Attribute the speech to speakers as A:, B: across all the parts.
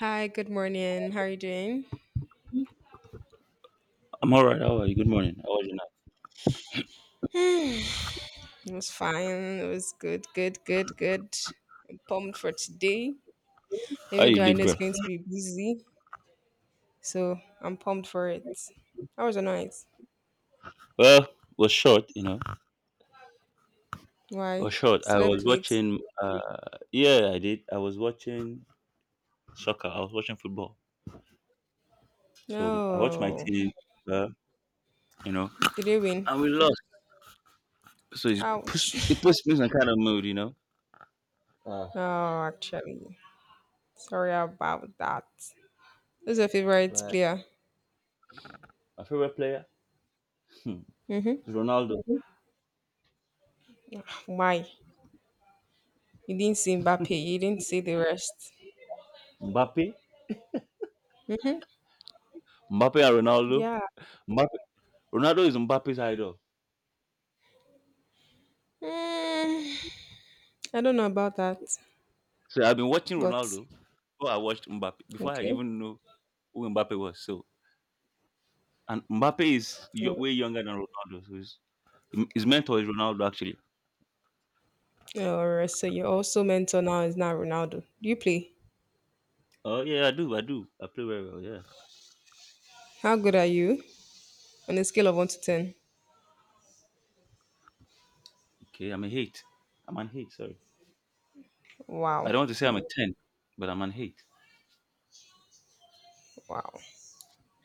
A: Hi, good morning. How are you doing?
B: I'm all right. How are you? Good morning. How was your night?
A: It was fine. It was good. I'm pumped for today,
B: How
A: even
B: you
A: though I
B: did,
A: know
B: bro?
A: it's going to be busy. So I'm pumped for it. How was your night?
B: Well, it was short. It was
A: Why?
B: short. I was
A: Slept late?
B: watching. Yeah, I did. I was watching soccer. I was watching football. So I watched my
A: No.
B: team. Uh, you know,
A: Did you win?
B: and we lost. So it puts
A: Ouch.
B: it puts me in some kind of mood. Uh,
A: Oh, actually. Sorry about that. Who's your favorite
B: right.
A: player?
B: My favorite player hmm,
A: Mm-hmm.
B: is Ronaldo.
A: Why? You didn't see Mbappe. You didn't see the rest.
B: Mbappe,
A: Mm-hmm.
B: Mbappe and Ronaldo.
A: Yeah.
B: Mbappe, Ronaldo is Mbappe's idol.
A: Mm, I don't know about that.
B: So I've been watching
A: But
B: Ronaldo before I watched Mbappe, before I
A: okay.
B: even knew who Mbappe was. And Mbappe is
A: Mm.
B: way younger than Ronaldo. So his mentor is Ronaldo, actually.
A: All right. So you're also mentor now is now Ronaldo. Do you play?
B: Oh, yeah, I do. I play very well. Yeah.
A: How good are you on a scale of one to ten?
B: Okay. I'm a eight. I'm an eight. Sorry.
A: Wow.
B: I don't want to say I'm a 10, but I'm an eight.
A: Wow.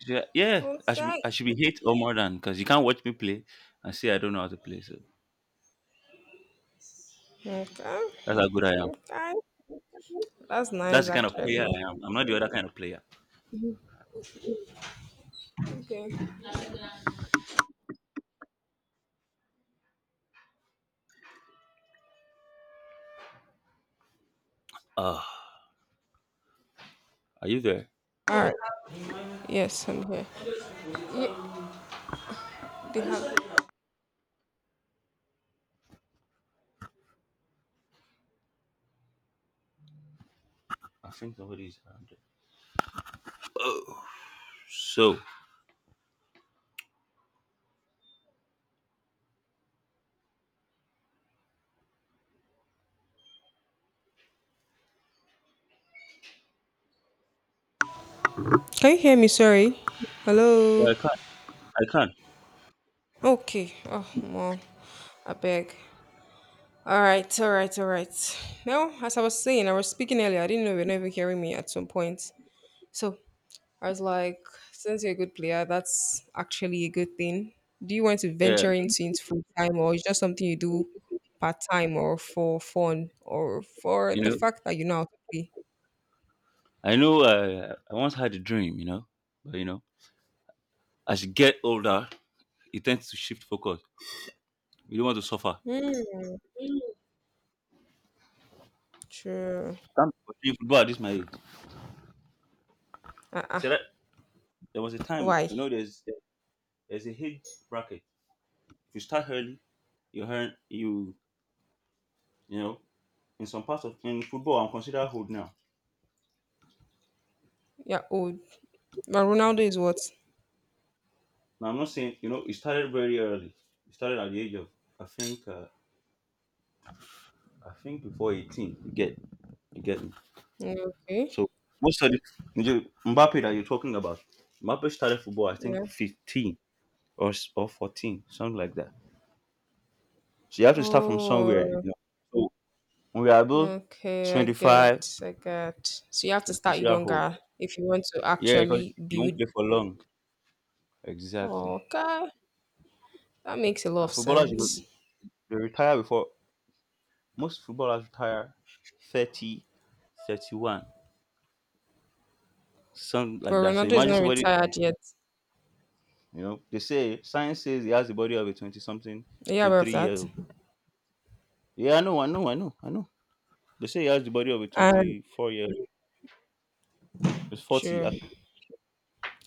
B: Yeah. Yeah,
A: Okay.
B: I should be eight or more, than because you can't watch me play and say I don't know how to play. So
A: Okay.
B: that's how good I am.
A: Okay. That's
B: That's
A: nice
B: the kind of player
A: actually.
B: I am. I'm not the other kind of player.
A: Okay.
B: Uh, are you there?
A: All right. Yes, I'm here. Ye- they have-
B: I think somebody's around there. So,
A: Can you hear me? Sorry. Hello.
B: yeah, I can't.
A: Okay. Oh, well, I beg. All right. All right. All right. Now, as I was saying, I was speaking earlier. I didn't know you were not even hearing me at some point. So I was like, since you're a good player, that's actually a good thing. Do you want to
B: Yeah.
A: venture into it full time or is just something you do part time or for fun or for
B: You
A: the
B: know,
A: fact that you know how to play?
B: I know, I once had a dream, but. As you get older, it tends to shift focus. You don't want to suffer.
A: Hmm. True.
B: Can't be playing football at this my age. He
A: Uh-uh.
B: said that there was a time,
A: Why?
B: there's a age bracket. If you start early, you earn you you know, in some parts of in football I'm considered old now.
A: Yeah, old. But Ronaldo is what?
B: Now I'm not saying, it started very early. It started at the age of, I think uh, I think, before 18. You get me.
A: Okay.
B: So most of the, Mbappe that you're talking about, Mbappe started football, I
A: Yeah.
B: think, 15, or 14, something like that. So you have to start from somewhere, you
A: Oh,
B: know. So when we are about
A: okay. I
B: 25,
A: get. I get. So you have to
B: yeah,
A: start
B: consider hold.
A: younger if you want to
B: Yeah, because
A: actually
B: you won't
A: build.
B: play for long. Exactly.
A: Okay. That makes a lot of
B: And footballers,
A: sense.
B: they retire before. Most footballers retire 30, 31, something
A: But
B: like that. So
A: Ronaldo is
B: imagine
A: not
B: somebody,
A: retired yet.
B: they say, science says he has the body of a 20 something,
A: Are you aware of
B: 23 year
A: that?
B: old. Yeah, I know, I know, I know, I know. They say he has the body of a
A: And
B: 24-year-old. It's 40.
A: sure.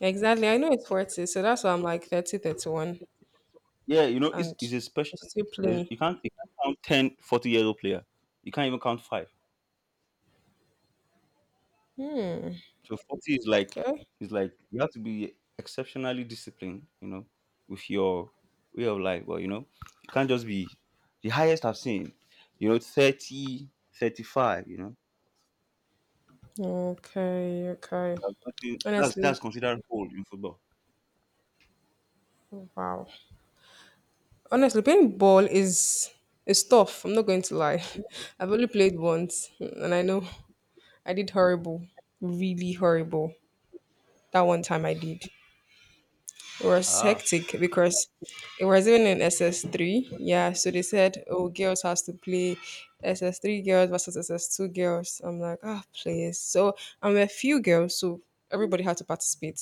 A: Exactly. I know it's 40, so that's why I'm like 30, 31,
B: Yeah, it's,
A: and
B: it's a special.
A: it's still playing.
B: You can't count 1040 year old player. You can't even count five. So 40 is like
A: Okay.
B: you have to be exceptionally disciplined. With your way of life. Well, you can't just be the highest I've seen. Thirty, 35.
A: Okay. Okay.
B: I think that's
A: Honestly,
B: that's considered old in football.
A: wow. Honestly, playing ball is tough. I'm not going to lie. I've only played once, and I know I did horrible, really horrible. That one time I did. It was
B: Ah.
A: hectic because it was even in SS3. Yeah, so they said, oh, girls has to play SS3 girls versus SS2 girls. I'm like, ah, please. So I'm a few girls, so everybody had to participate.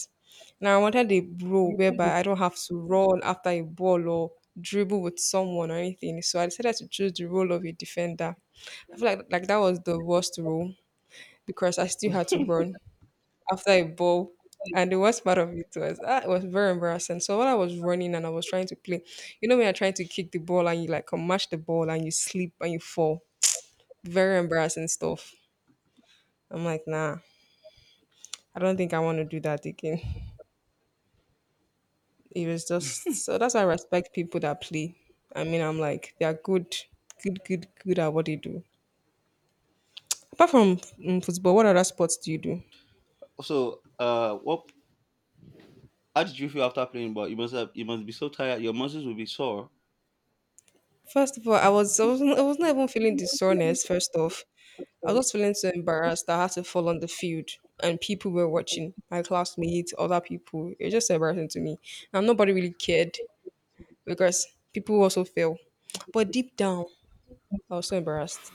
A: Now I wanted a bro whereby I don't have to run after a ball or dribble with someone or anything. So I decided to choose the role of a defender. I feel like that was the worst role because I still had to run after a ball. And the worst part of it was it was very embarrassing. So when I was running and I was trying to play, you know when you're trying to kick the ball and you like mash the ball and you slip and you fall. Very embarrassing stuff. I'm like, nah, I don't think I want to do that again. It was just so that's why I respect people that play. I mean, I'm like, they are good at what they do. Apart from football, what other sports do you do?
B: So, what? How did you feel after playing? But you must be so tired. Your muscles will be sore.
A: First of all, I wasn't even feeling dishonest. First off, I was just feeling so embarrassed that I had to fall on the field and people were watching my classmates, other people. It was just embarrassing to me, and nobody really cared because people also fell. But deep down, I was so embarrassed.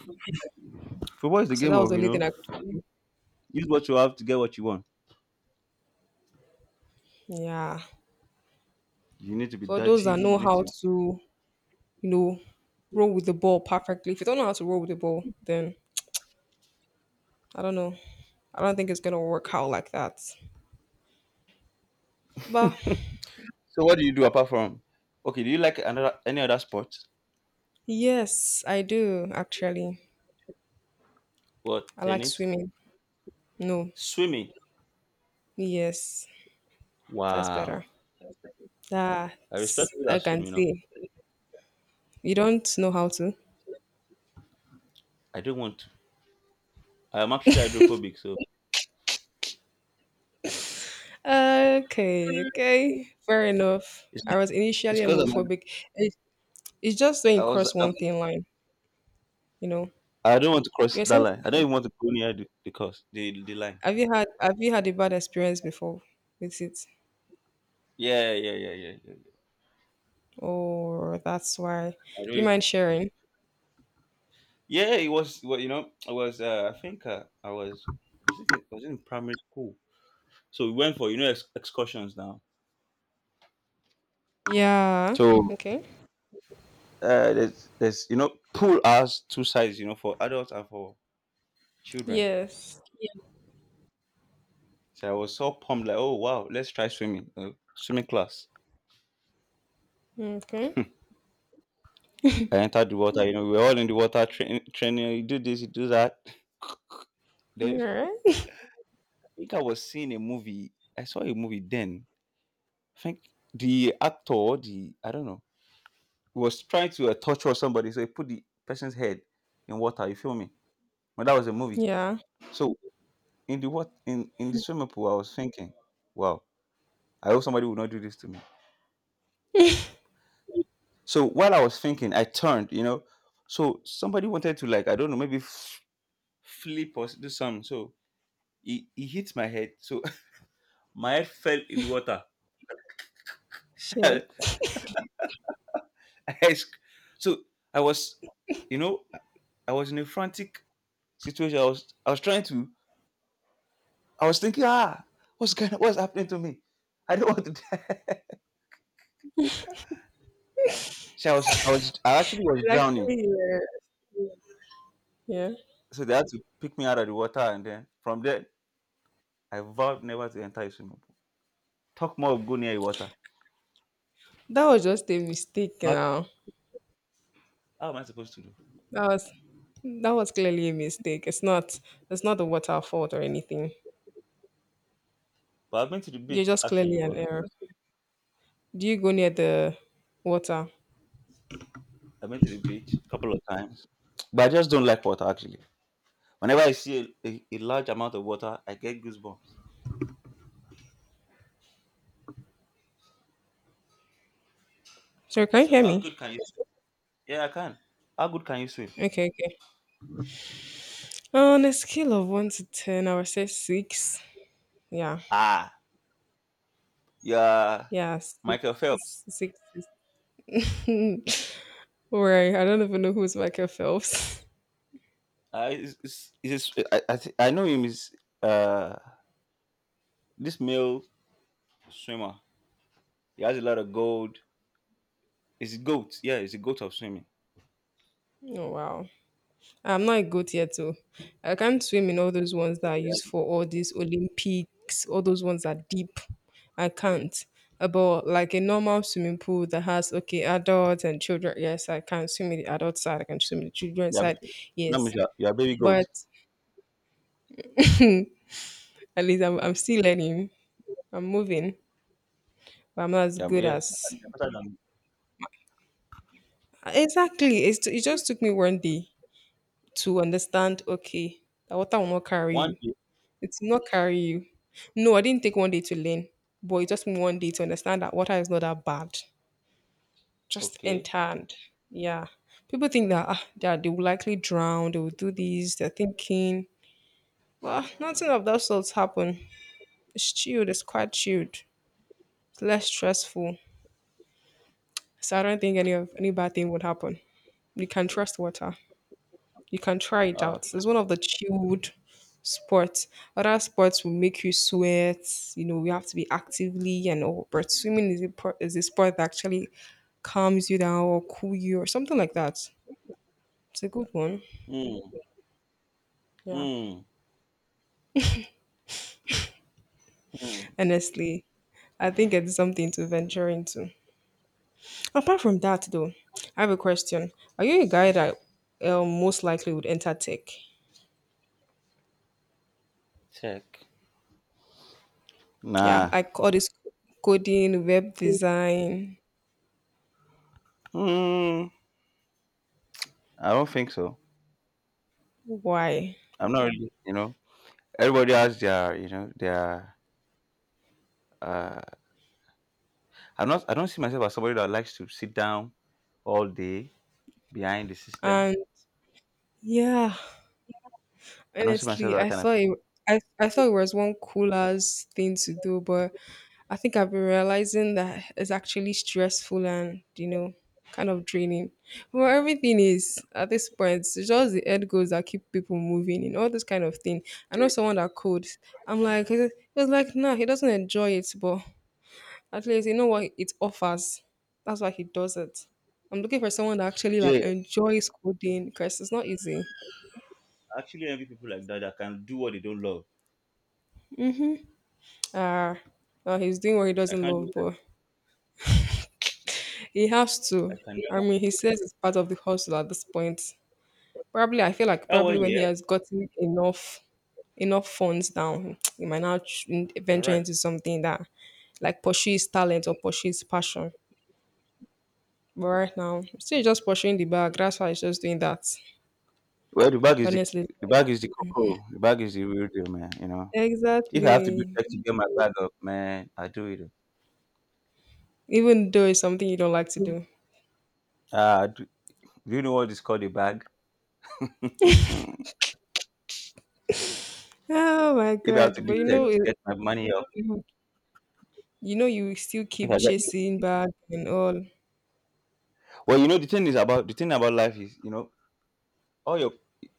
B: Football is the
A: So that
B: game
A: was the
B: of,
A: only thing I could do.
B: use what you have to get what you want.
A: Yeah.
B: You need to be
A: For those
B: dirty.
A: that know
B: You need
A: how
B: to.
A: to, you know, roll with the ball perfectly. If you don't know how to roll with the ball, then I don't know. I don't think it's gonna work out like that. But
B: So what do you do do you like another any other sport?
A: yes, I do actually.
B: What,
A: I like
B: tennis?
A: swimming. No,
B: Swimming.
A: yes, that's
B: Wow.
A: better. That
B: I respect people
A: I
B: that swim,
A: can
B: you know.
A: see. You don't know how to.
B: I don't want to. I'm actually hydrophobic, so
A: Okay, okay, fair enough.
B: it's
A: I was initially
B: it's because I'm
A: homophobic. It, it's just when you
B: I was
A: cross
B: I'm,
A: one thin line, you know.
B: I don't want to cross
A: You're
B: that
A: saying
B: line. I don't
A: something.
B: even want to go near the cross the line.
A: Have you had a bad experience before with it?
B: Yeah, yeah, yeah, yeah, yeah. Yeah.
A: Or that's why.
B: I don't
A: Do you
B: even
A: mind
B: so
A: sharing?
B: yeah, it was, well, I was, I think, I think I was in primary school. So we went for, excursions now.
A: Yeah.
B: So,
A: Okay.
B: there's pool has two sides, for adults and for children.
A: Yes.
B: So I was so pumped, like, oh wow, let's try swimming, swimming class.
A: Okay.
B: I entered the water, we were all in the water, training. You do this, you do that.
A: All
B: Then I
A: right.
B: think I was seeing a movie I saw a movie. Then I think the actor, the, I don't know, was trying to, torture somebody. So he put the person's head in water, you feel me? But that was a movie.
A: Yeah.
B: So, in the swimming pool I was thinking, wow, I hope somebody will not do this to me. So while I was thinking, I turned. So somebody wanted to, like, I don't know, maybe flip or do something. So he hit my head. So my head fell in the water.
A: Shit.
B: I sc- so I was, you know, I was in a frantic situation. I was thinking, what's happening to me? I don't want to die. So I actually was drowning.
A: Actually, yeah.
B: So they had to pick me out of the water, and then from there I vowed never to enter a swimming pool. Talk more of go near a water.
A: That was just a mistake
B: But
A: now.
B: how am I supposed to do?
A: That was that was clearly a mistake. It's not the water fault or anything.
B: But I've been to the
A: You're
B: beach
A: just
B: actually,
A: clearly an
B: but
A: error. Do you go near the water?
B: I've been to the beach a couple of times. But I just don't like water, actually. Whenever I see a large amount of water, I get goosebumps.
A: Sorry, can you
B: So
A: hear
B: how
A: me?
B: good can you swim? Yeah, I can. How good can you swim?
A: Okay, okay. On a scale of one to ten, I would say six. Yeah.
B: Ah, yeah,
A: Yeah, six,
B: Michael Phelps.
A: six, six. six. Right. I don't even know who's Michael Phelps.
B: I is I, thi- I know him is, uh this male swimmer. He has a lot of gold. Is goat. Yeah, he's a goat of swimming.
A: Oh wow. I'm not a goat yet, so I can't swim in all those ones that are used for all these Olympics, all those ones that are deep. I can't. But like a normal swimming pool that has okay adults and children, yes, I can swim in the adult side. I can swim in the children's
B: Yeah,
A: side, yes.
B: yeah, yeah, baby
A: But
B: goat.
A: at least I'm still learning. I'm moving, but I'm not as good
B: Yeah.
A: as
B: Um,
A: exactly. It just took me one day to understand. Okay, the water will not carry
B: One
A: you.
B: day.
A: It will not carry you. No, I didn't take one day to learn, but it just took me one day to understand that water is not that bad. Just
B: Okay.
A: enter and yeah. People think that that they will likely drown, they will do this, they're thinking. Well, nothing of that sorts happen. It's chilled, it's quite chilled. It's less stressful. So I don't think any of any bad thing would happen. You can trust water. You can try it
B: Ah.
A: out. It's one of the chilled sports. Other sports will make you sweat. You know, you have to be actively and all. But swimming is is a sport that actually calms you down or cool you or something like that. It's a good one.
B: Mm,
A: Yeah,
B: mm, mm.
A: honestly, I think it's something to venture into. Apart from that, though, I have a question. Are you a guy that most likely would enter tech?
B: Check.
A: Yeah,
B: Nah.
A: like all this coding, web design.
B: Mm, I don't think so.
A: Why?
B: I'm not really, everybody has their, uh, I don't see myself as somebody that likes to sit down all day behind the system.
A: And yeah,
B: I don't see
A: honestly,
B: myself that kind of.
A: I thought it was one coolest thing to do, but I think I've been realizing that it's actually stressful and you know kind of draining. Well, everything is at this point. It's just the end goals that keep people moving and all this kind of thing. I know someone that codes. I'm like, it was like, nah, he doesn't enjoy it, but at least you know what it offers. That's why he does it. I'm looking for someone that actually like
B: Yeah.
A: enjoys coding because it's not easy.
B: I actually envy people like that that can do what they don't love.
A: Uh, he's doing what he
B: I
A: doesn't
B: can't do
A: love,
B: that.
A: but he has
B: I
A: to.
B: can.
A: I mean, he says it's part of the hustle at this point. Probably, I feel like
B: Oh, well,
A: probably when he
B: yeah.
A: has gotten enough funds down, he might now
B: You're
A: venture
B: right.
A: into something that like pursue his talent or pursue his passion. But right now, still just pursuing the bag. That's why he's just doing that.
B: Well, the bag is the,
A: Honestly,
B: the bag is the cocoa. The bag is the real deal, man. If I have to do
A: exactly.
B: that to get my bag up, man, I do it.
A: Even though it's something you don't like to do.
B: Uh, do, do you know what is called a bag? If I
A: Oh my
B: have to
A: god!
B: do
A: But you
B: tech
A: know,
B: to
A: it,
B: get my money up,
A: you know you still
B: if
A: keep
B: I get,
A: chasing back and all
B: well, the thing about life is, all your,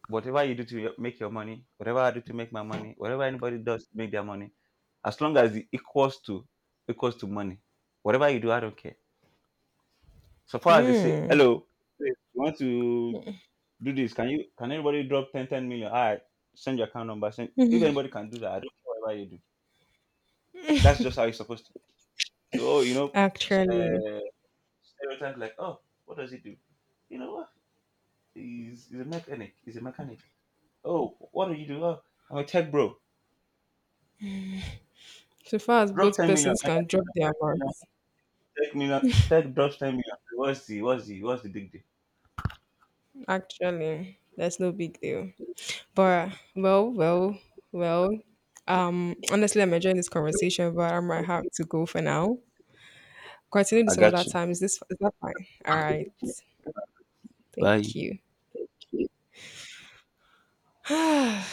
B: whatever you do to make your money, whatever I do to make my money, whatever anybody does to make their money, as long as it equals to money, whatever you do, I don't care. So far as they say, hello, please, you want to do this? Can you? Can anybody drop ten million? All right, send your account number. Send, if anybody can do that, I don't care whatever you do. That's just how it's supposed to. So, oh,
A: actually
B: uh, stereotype, like, oh, what does he do? You know what? He's a mechanic. He's a mechanic. Oh, what do you do? Oh, I'm a tech bro.
A: so far as
B: Drop
A: both
B: 10 million.
A: persons can drop
B: Mechanics.
A: their mouths
B: Tech million. Tech drops 10 million. What's the big deal?
A: actually that's no big deal but well honestly I'm enjoying this conversation but I might have to go for now continue this
B: I
A: some other
B: got you.
A: time is that fine all right thank
B: Bye.
A: you